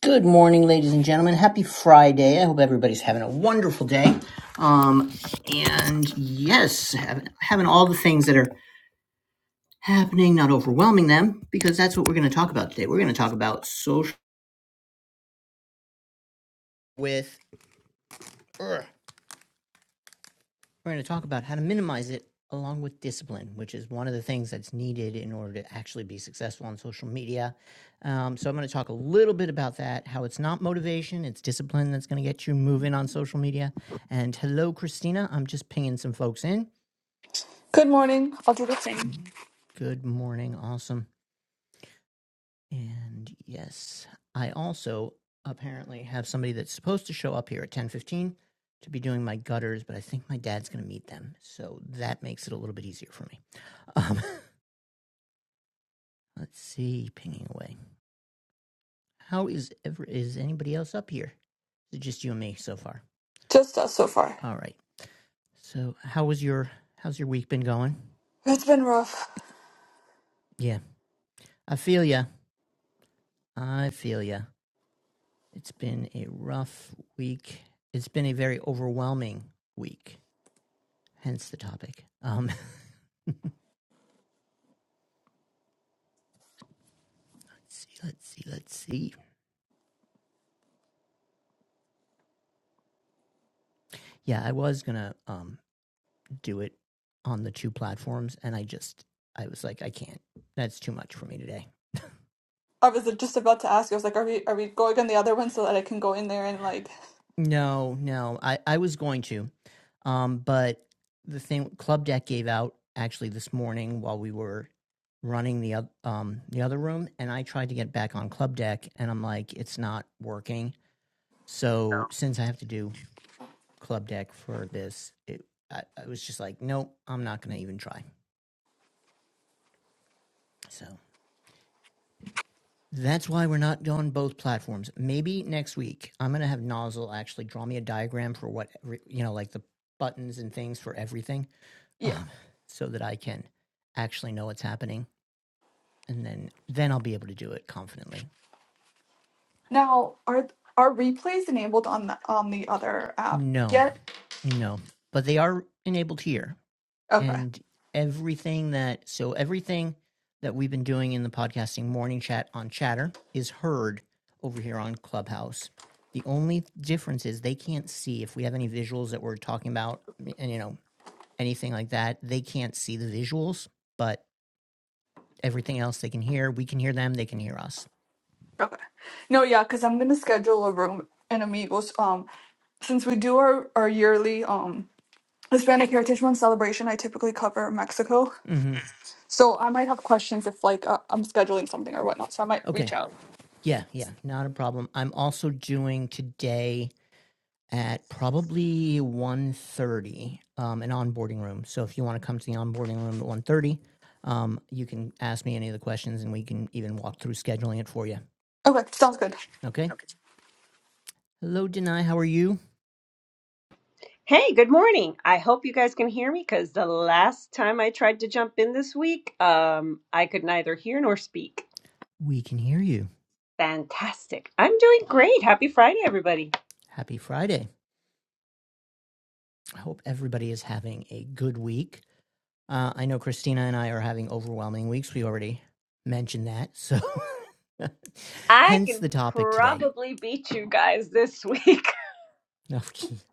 Good morning, ladies and gentlemen. Happy Friday. I hope everybody's having a wonderful day. Um, and yes, having, having all the things that are happening, not overwhelming them, because that's what we're going to talk about today. We're going to talk about social with. ugh, we're going to talk about how to minimize it along with discipline, which is one of the things that's needed in order to actually be successful on social media. Um, so I'm going to talk a little bit about that, how it's not motivation, it's discipline that's going to get you moving on social media. And hello, Christina. I'm just pinging some folks in. Good morning. I'll do the same. Good, good morning. Awesome. And yes, I also apparently have somebody that's supposed to show up here at 10:15 to be doing my gutters, but I think my dad's going to meet them. So that makes it a little bit easier for me. Um, let's see, pinging away. How is ever is anybody else up here? Is it just you and me so far? Just us so far. All right. So, how was your how's your week been going? It's been rough. Yeah, I feel ya. I feel ya. It's been a rough week. It's been a very overwhelming week. Hence the topic. Um, let's see, let's see, let's see. Yeah, I was gonna um do it on the two platforms, and I just I was like, I can't. That's too much for me today. I was just about to ask. I was like, "Are we are we going on the other one so that I can go in there and like, No, no. I, I was going to. Um, but the thing Club Deck gave out actually this morning while we were running the oth- um the other room and I tried to get back on Club Deck and I'm like it's not working. So since I have to do Club Deck for this, it I, I was just like nope, I'm not going to even try. So that's why we're not on both platforms. Maybe next week I'm going to have Nozzle actually draw me a diagram for what you know like the buttons and things for everything yeah." um, so that I can actually know what's happening, and then then I'll be able to do it confidently. Now, are are replays enabled on the on the other app No, yet? no, but they are enabled here, Okay, and everything that so everything that we've been doing in the podcasting morning chat on Chatter is heard over here on Clubhouse. The only difference is they can't see if we have any visuals that we're talking about, and you know anything like that. They can't see the visuals, but everything else they can hear. We can hear them. They can hear us. okay. No, yeah, because I'm gonna schedule a room in Amigos. Um, since we do our our yearly um Hispanic Heritage Month celebration, I typically cover Mexico, hmm so I might have questions if like uh, I'm scheduling something or whatnot. So I might reach Okay. out. Yeah, yeah, not a problem. I'm also doing today at probably 1.30 um, an onboarding room. So if you want to come to the onboarding room at 1.30, um, you can ask me any of the questions and we can even walk through scheduling it for you. Okay, sounds good. Okay? Hello, Denai. How are you? Hey, good morning. I hope you guys can hear me because the last time I tried to jump in this week, um, I could neither hear nor speak. We can hear you. Fantastic. I'm doing great. Happy Friday, everybody. Happy Friday. I hope everybody is having a good week. Uh, I know Christina and I are having overwhelming weeks. We already mentioned that. So I hence can the topic today. probably beat you guys this week, Okay.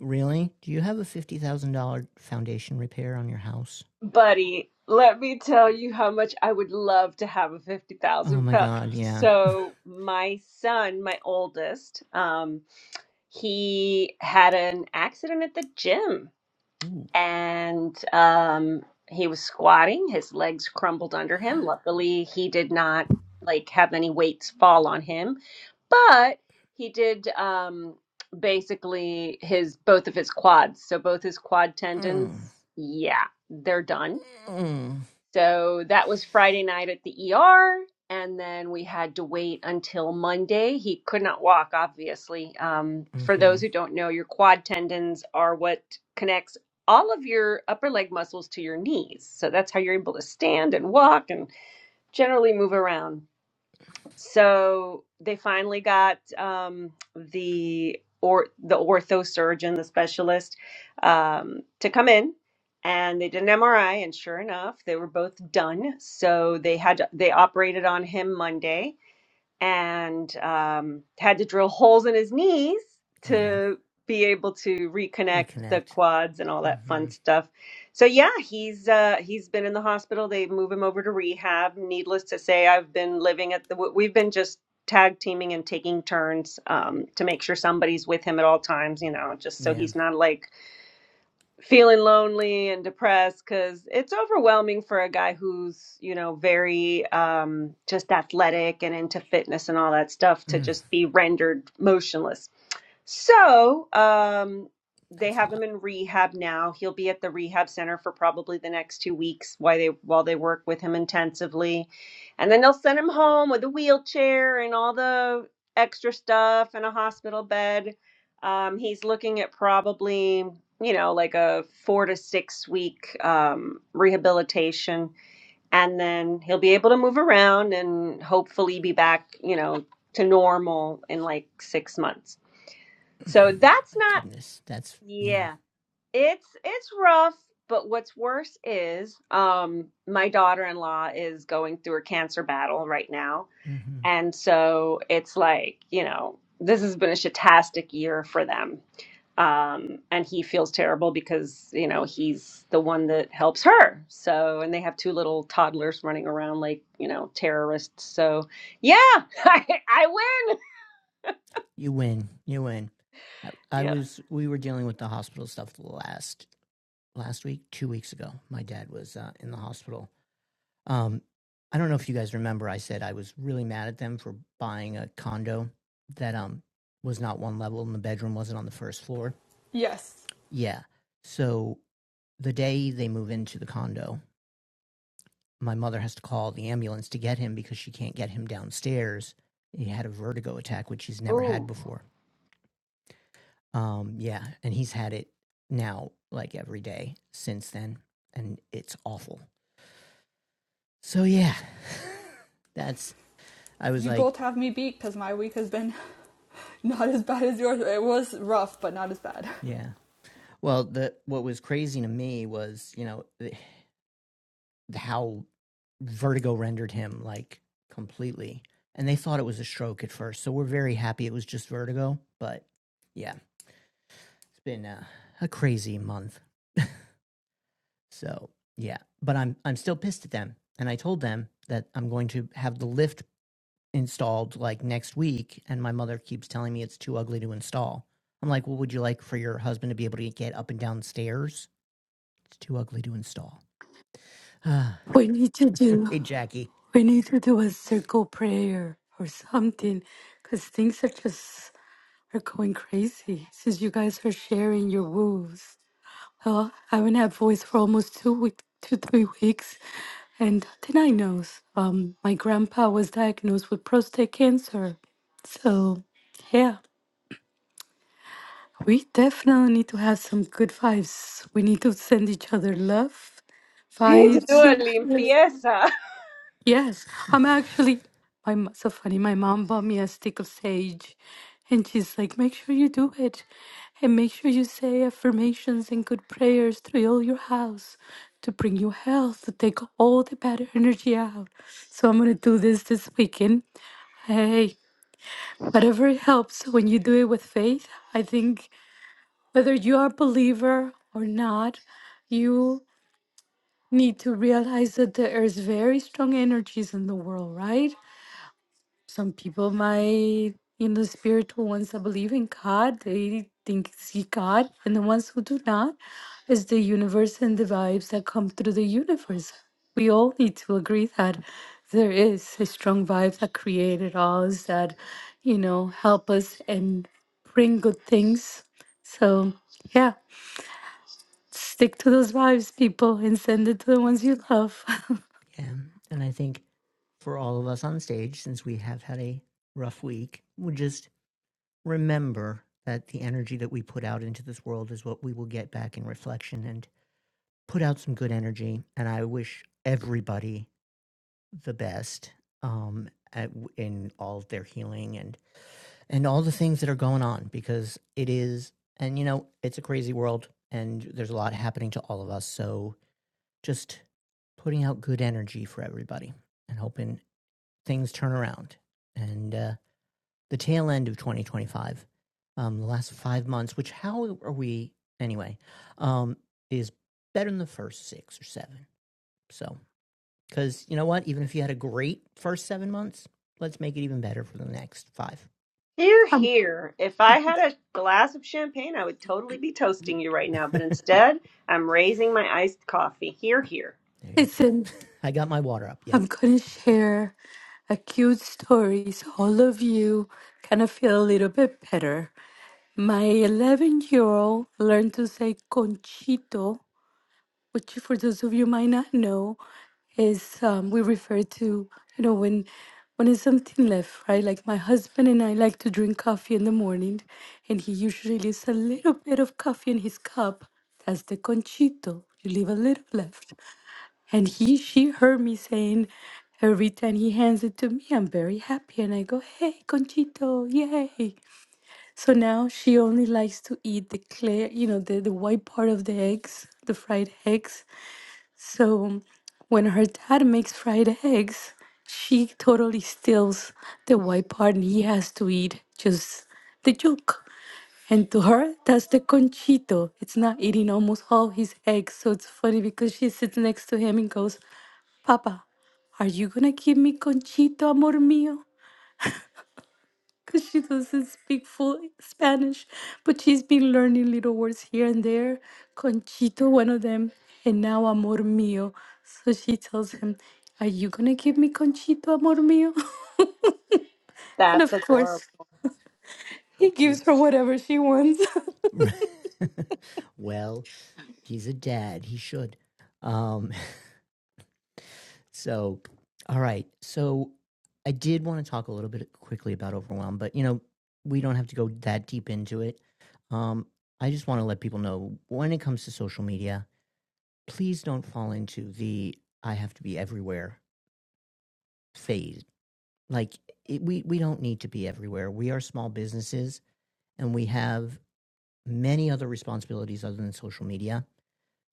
Really? Do you have a $50,000 foundation repair on your house? buddy. Let me tell you how much I would love to have a Oh 50,000 my pound. god, yeah. So, my son, my oldest, um, he had an accident at the gym Ooh. and um, he was squatting. His legs crumbled under him. Luckily, he did not like have any weights fall on him, but he did um, basically his both of his quads. So both his quad tendons, Mm. yeah, they're done Mm. so that was Friday night at the ER. And then we had to wait until Monday. He could not walk, obviously. Um, for hmm those who don't know, your quad tendons are what connects all of your upper leg muscles to your knees. So that's how you're able to stand and walk and generally move around. So they finally got um, the or the ortho surgeon, the specialist, um, to come in, and they did an MRI, and sure enough, they were both done. So they had to, they operated on him Monday, and um, had to drill holes in his knees Yeah. to be able to reconnect the Reconnect. quads and all mm that hmm fun stuff. So yeah, he's uh, he's been in the hospital. They move him over to rehab. Needless to say, I've been living at the. We've been just tag teaming and taking turns um, to make sure somebody's with him at all times. You know, just so Yeah. he's not like feeling lonely and depressed because it's overwhelming for a guy who's you know very um just athletic and into fitness and all that stuff to Mm. just be rendered motionless so um, they That's a have lot. him in rehab now. He'll be at the rehab center for probably the next two weeks while they while they work with him intensively, and then they'll send him home with a wheelchair and all the extra stuff and a hospital bed. Um, he's looking at probably you know like a four to six week um, rehabilitation, and then he'll be able to move around and hopefully be back you know to normal in like six months. So that's My not goodness. That's, yeah. yeah. It's it's rough, but what's worse is um my daughter-in-law is going through a cancer battle right now. mm hmm And so it's like, you know, this has been a shitastic year for them. Um and he feels terrible because, you know, he's the one that helps her. So and they have two little toddlers running around like, you know, terrorists. So yeah, I, I win. You win. You win. I, I Yeah. was, we were dealing with the hospital stuff last, last week, two weeks ago. My dad was uh, in the hospital Um, I don't know if you guys remember, I said I was really mad at them for buying a condo that um was not one level and the bedroom wasn't on the first floor. Yes. Yeah. So the day they move into the condo, my mother has to call the ambulance to get him because she can't get him downstairs. He had a vertigo attack, which he's never had Ooh. before. Um, yeah, and he's had it now like every day since then, and it's awful. So yeah, that's I was you like, both have me beat because my week has been not as bad as yours. It was rough, but not as bad. yeah, Well, the what was crazy to me was, you know, how vertigo rendered him like completely. And they thought it was a stroke at first. So we're very happy it was just vertigo, but yeah, it's been a, a crazy month. So, yeah, but I'm I'm still pissed at them. And I told them that I'm going to have the lift installed like next week and my mother keeps telling me it's too ugly to install. I'm like, "Well, would you like for your husband to be able to get up and down stairs? It's too ugly to install." Ah. We need to do Hey, Jackie. we need to do a circle prayer or something because things are just are going crazy since you guys are sharing your woes. Well, I haven't had voice for almost two week two, three weeks. And then I knows. Um my grandpa was diagnosed with prostate cancer. So yeah. We definitely need to have some good vibes. We need to send each other love We need to do vibes. a limpieza. Yes, I'm actually. My mo- so funny. My mom bought me a stick of sage, and she's like, "Make sure you do it, and make sure you say affirmations and good prayers through all your house to bring you health, to take all the bad energy out." So I'm gonna do this this weekend. Hey, whatever helps when you do it with faith. I think whether you are a believer or not, you need to realize that there is very strong energies in the world, right? some people might you know spiritual ones that believe in god they think see god and the ones who do not is the universe and the vibes that come through the universe we all need to agree that there is a strong vibe that created us that you know help us and bring good things so yeah stick to those vibes people and send it to the ones you love Yeah. And I think for all of us on stage, since we have had a rough week, we just remember that the energy that we put out into this world is what we will get back in reflection and put out some good energy. And I wish everybody the best um, at, in all of their healing and, and all the things that are going on because it is, and you know, it's a crazy world and there's a lot happening to all of us. So, just putting out good energy for everybody and hoping things turn around. And uh, the tail end of 2025, um, the last five months, which how are we anyway, um, is better than the first six or seven. So, because you know what? Even if you had a great first seven months, let's make it even better for the next five. Here, Um, here. If I had a glass of champagne, I would totally be toasting you right now. there But instead, I'm raising my iced coffee. Here, here. you it's go. I got my water up. Yeah. I'm going to share a cute story so all of you kind of feel a little bit better. My 11 year old learned to say conchito, which, for those of you might not know, is um, we refer to, you know, when when there's something left, right? Like my husband and I like to drink coffee in the morning, and he usually leaves a little bit of coffee in his cup. That's the conchito. You leave a little left. And he, she heard me saying every time He hands it to me. I'm very happy, and I go, "Hey, Conchito, yay!" So now she only likes to eat the clear, you know, the the white part of the eggs, the fried eggs. So when her dad makes fried eggs, she totally steals the white part and he has to eat just the yolk. And to her, that's the conchito. It's not eating almost all his eggs. So it's funny because she sits next to him and goes, Papa, are you gonna give me conchito, amor mío? because she doesn't speak full Spanish, but she's been learning little words here and there. Conchito, one of them, and now amor mío. So she tells him, Are you going to give me Conchito, amor mío? And of That's adorable. course, So he cute. gives her whatever she wants. well He's a dad. He should. Um, so, all right. So, I did want to talk a little bit quickly about overwhelm, but you know, we don't have to go that deep into it. Um, I just want to let people know when it comes to social media, please don't fall into the I have to be everywhere phase. Like it, we we don't need to be everywhere. We are small businesses and we have many other responsibilities other than social media.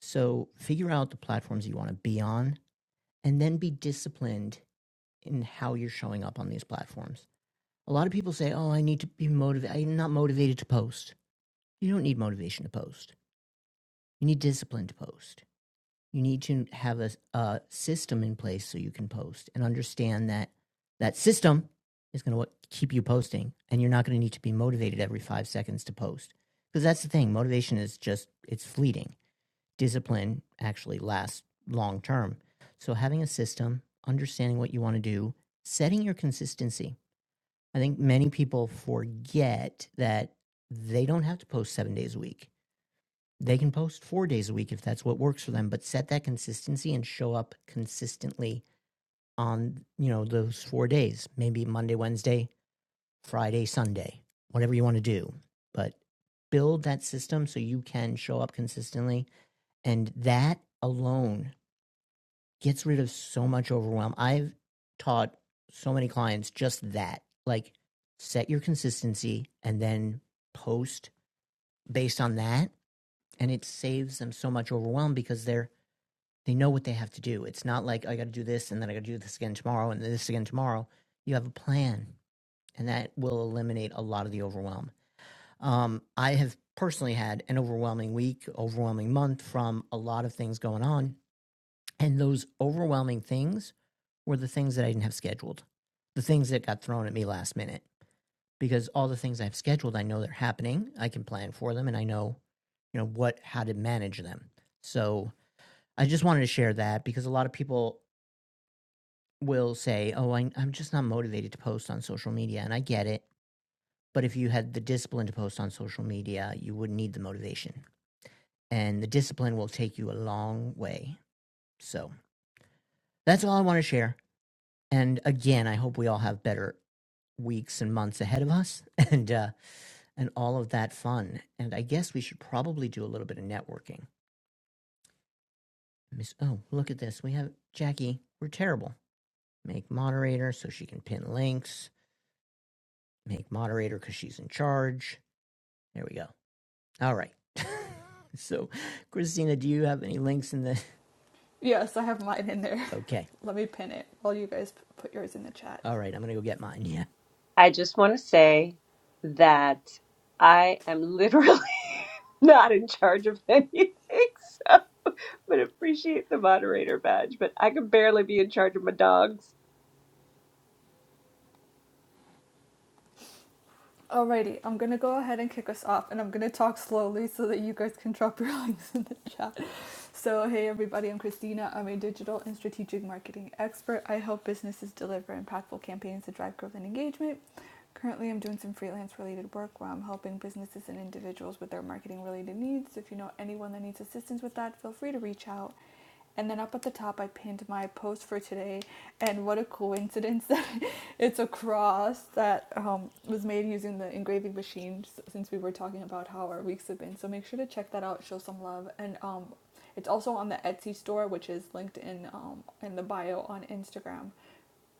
So figure out the platforms you want to be on and then be disciplined in how you're showing up on these platforms. A lot of people say, "Oh, I need to be motivated. I'm not motivated to post." You don't need motivation to post. You need discipline to post. You need to have a, a system in place so you can post and understand that that system is going to keep you posting, and you're not going to need to be motivated every five seconds to post. Because that's the thing, motivation is just it's fleeting discipline actually lasts long term. So having a system, understanding what you want to do, setting your consistency. I think many people forget that they don't have to post 7 days a week. They can post 4 days a week if that's what works for them, but set that consistency and show up consistently on, you know, those 4 days, maybe Monday, Wednesday, Friday, Sunday, whatever you want to do. But build that system so you can show up consistently and that alone gets rid of so much overwhelm. I've taught so many clients just that. Like set your consistency and then post based on that and it saves them so much overwhelm because they're they know what they have to do. It's not like I got to do this and then I got to do this again tomorrow and this again tomorrow. You have a plan, and that will eliminate a lot of the overwhelm. Um, I have personally had an overwhelming week, overwhelming month from a lot of things going on, and those overwhelming things were the things that I didn't have scheduled, the things that got thrown at me last minute. Because all the things I've scheduled, I know they're happening. I can plan for them, and I know, you know, what how to manage them. So I just wanted to share that because a lot of people will say, "Oh, I, I'm just not motivated to post on social media," and I get it. But if you had the discipline to post on social media, you wouldn't need the motivation, and the discipline will take you a long way. So that's all I want to share. And again, I hope we all have better weeks and months ahead of us and uh and all of that fun and i guess we should probably do a little bit of networking miss oh look at this we have jackie we're terrible make moderator so she can pin links make moderator because she's in charge there we go all right so christina do you have any links in the Yes, I have mine in there. okay Let me pin it while you guys put yours in the chat. all right i'm gonna go get mine yeah I just want to say that I am literally not in charge of anything, so I'm going to appreciate the moderator badge, but I can barely be in charge of my dogs. Alrighty, I'm gonna go ahead and kick us off, and I'm gonna talk slowly so that you guys can drop your links in the chat. So, hey everybody, I'm Christina. I'm a digital and strategic marketing expert. I help businesses deliver impactful campaigns to drive growth and engagement. Currently, I'm doing some freelance related work where I'm helping businesses and individuals with their marketing related needs. If you know anyone that needs assistance with that, feel free to reach out. And then up at the top, I pinned my post for today. And what a coincidence that it's a cross that um, was made using the engraving machine since we were talking about how our weeks have been. So make sure to check that out, show some love. And um, it's also on the Etsy store, which is linked in um, in the bio on Instagram.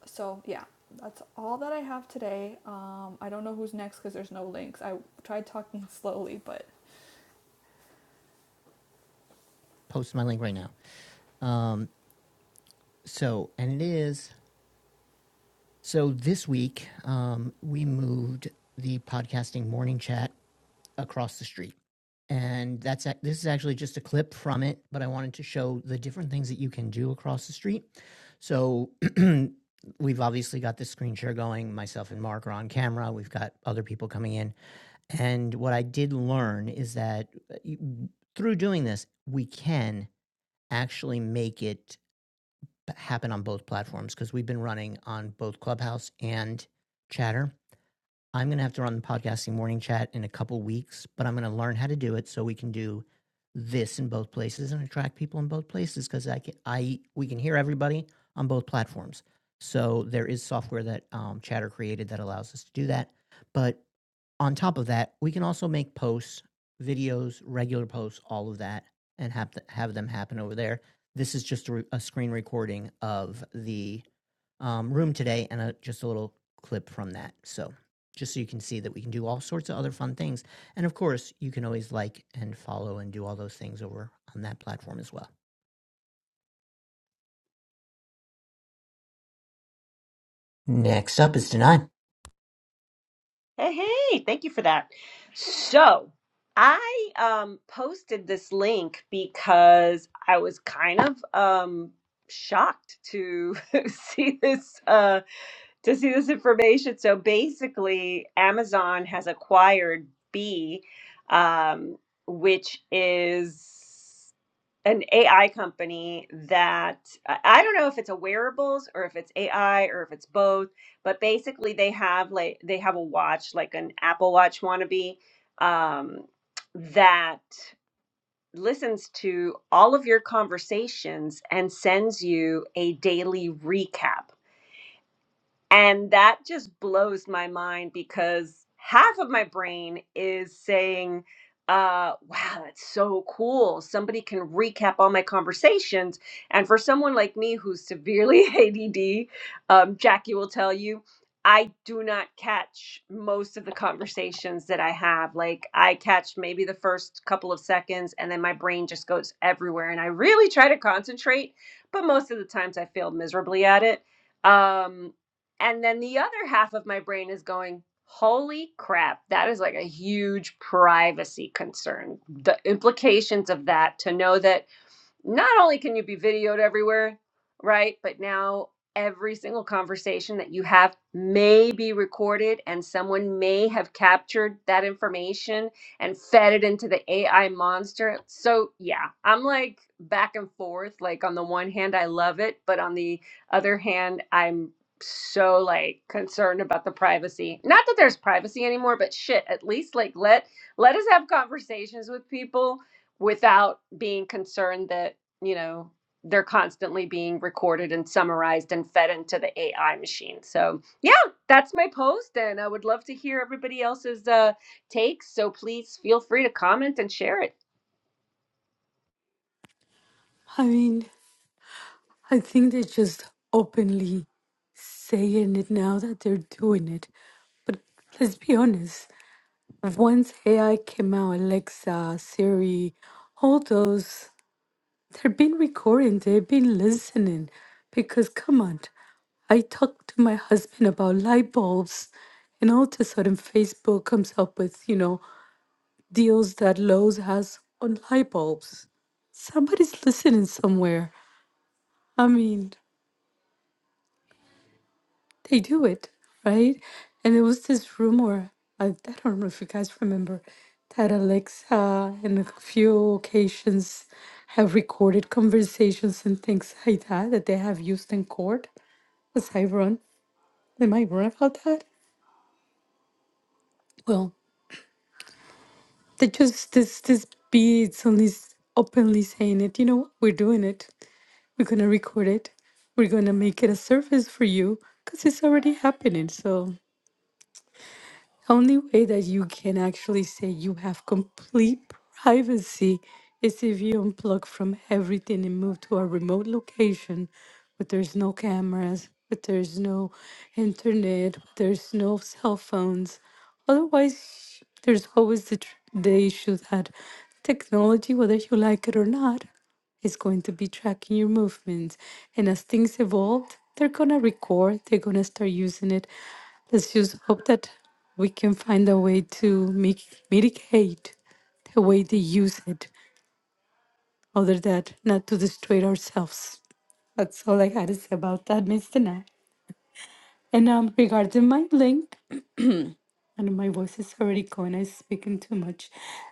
So yeah, that's all that I have today. Um, I don't know who's next because there's no links. I tried talking slowly, but post my link right now um so and it is so this week um we moved the podcasting morning chat across the street. And that's this is actually just a clip from it, but I wanted to show the different things that you can do across the street. So we've obviously got this screen share going. Myself and Mark are on camera. We've got other people coming in. And what I did learn is that uh, through doing this, we can actually make it happen on both platforms because we've been running on both Clubhouse and Chatter I'm going to have to run the podcasting morning chat in a couple weeks, but I'm going to learn how to do it so we can do this in both places and attract people in both places because I, can, I we can hear everybody on both platforms. So there is software that um, Chatter created that allows us to do that. But on top of that, we can also make posts, videos, regular posts, all of that, and have th- have them happen over there. This is just a, re- a screen recording of the um, room today and a, just a little clip from that. So just so you can see that we can do all sorts of other fun things. And of course, you can always like and follow and do all those things over on that platform as well. Next up is Denai. Hey, hey, thank you for that. So, I um posted this link because I was kind of um shocked to see this uh to see this information. So basically, Amazon has acquired B, um, which is an AI company that I I don't know if it's a wearables or if it's AI or if it's both, but basically they have like they have a watch like an Apple Watch wannabe um, that listens to all of your conversations and sends you a daily recap. And that just blows my mind because half of my brain is saying, uh, wow, that's so cool. Somebody can recap all my conversations. And for someone like me who's severely ADD, um, Jackie will tell you, I do not catch most of the conversations that I have. Like, I catch maybe the first couple of seconds, and then my brain just goes everywhere. And I really try to concentrate, but most of the times I fail miserably at it. Um, and then the other half of my brain is going, holy crap, that is like a huge privacy concern. The implications of that to know that not only can you be videoed everywhere, right? But now every single conversation that you have may be recorded and someone may have captured that information and fed it into the AI monster. So, yeah, I'm like back and forth. Like, on the one hand, I love it, but on the other hand, I'm so like concerned about the privacy. Not that there's privacy anymore, but shit, at least like let let us have conversations with people without being concerned that, you know, they're constantly being recorded and summarized and fed into the AI machine. So, yeah, that's my post. And I would love to hear everybody else's uh, takes. So please feel free to comment and share it. I mean, I think they're just openly saying it now that they're doing it. But let's be honest, once AI came out, Alexa, Siri, all those They've been recording, they've been listening. Because come on, I talked to my husband about light bulbs, and all of a sudden Facebook comes up with, you know, deals that Lowe's has on light bulbs. Somebody's listening somewhere. I mean, they do it, right? And there was this rumor, I, I don't know if you guys remember, that Alexa in a few occasions have recorded conversations and things like that that they have used in court. As I run, am I wrong about that? Well, they just this this beats on this openly saying it. You know what? We're doing it. We're gonna record it. We're gonna make it a service for you because it's already happening. So. The only way that you can actually say you have complete privacy is if you unplug from everything and move to a remote location where there's no cameras, where there's no internet, where there's no cell phones. Otherwise, there's always the, tr- the issue that technology, whether you like it or not, is going to be tracking your movements. And as things evolve, they're going to record, they're going to start using it. Let's just hope that we can find a way to make, mitigate the way they use it, other than not to destroy ourselves. That's all I had to say about that, Mr. Nat. And um, regarding my link, and my voice is already going, I'm speaking too much.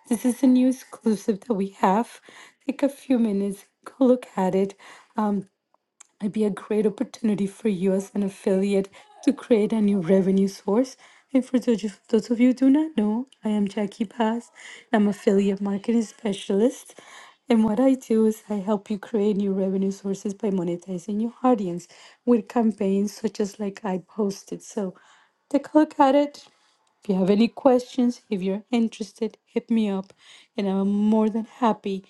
This is a new exclusive that we have. Take a few minutes, go look at it. might be a great opportunity for you as an affiliate to create a new revenue source. And for those of those of you who do not know, I am Jackie Paz. I'm affiliate marketing specialist. And what I do is I help you create new revenue sources by monetizing your audience with campaigns such as like I posted. So take a look at it. If you have any questions, if you're interested, hit me up and I'm more than happy.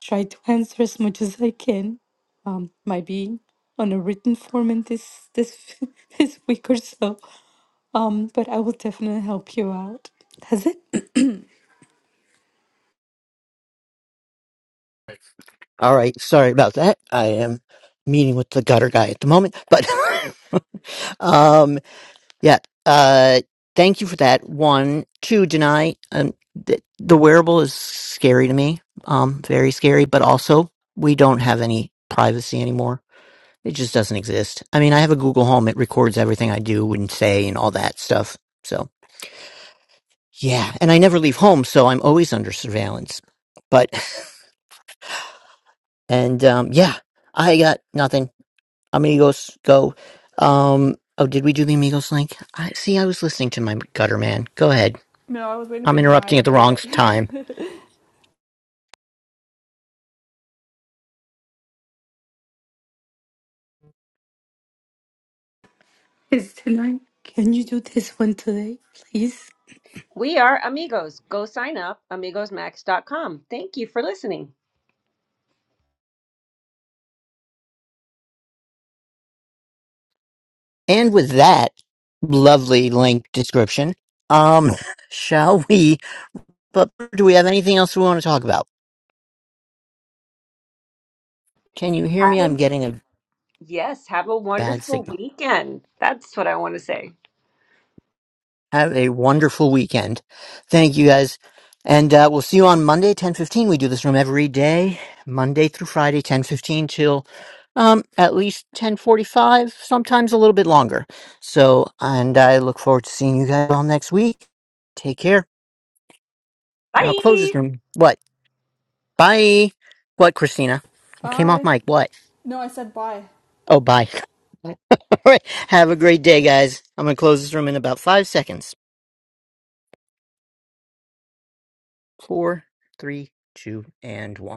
Try to answer as much as I can um, might be on a written form in this this this week or so. Um, but I will definitely help you out. That's it. All right, sorry about that. I am meeting with the gutter guy at the moment, but um, yeah. Uh, thank you for that. One, two, deny. Um, th- the wearable is scary to me. Um, very scary, but also we don't have any privacy anymore. It just doesn't exist. I mean, I have a Google Home. It records everything I do and say and all that stuff. So yeah, and I never leave home, so I'm always under surveillance. But and um, yeah, I got nothing. Amigos, go. Um, oh, did we do the Amigos link? I see. I was listening to my gutter man. Go ahead. no, I was waiting I'm for Denai interrupting to at the do wrong it. time. Mm. It's tonight. Can you do this one today, please? We are amigos. Go sign up, amigosmax.com. Thank you for listening. And with that lovely link description, um, shall we? But do we have anything else we want to talk about? Can you hear me? Have I'm a getting a Yes, have a bad wonderful signal. weekend. That's what I want to say. Have a wonderful weekend. Thank you guys. And uh, we'll see you on Monday, 1015. We do this room every day, Monday through Friday, 1015 till um, at least 1045, sometimes a little bit longer. So, and I look forward to seeing you guys all next week. Take care. And I'll close Bye. this room. What? Bye. What, Christina? You came off bye. mic. What? No, I said bye. Oh, bye. all right. Have a great day, guys. I'm going to close this room in about five seconds. Four, three, two, and one.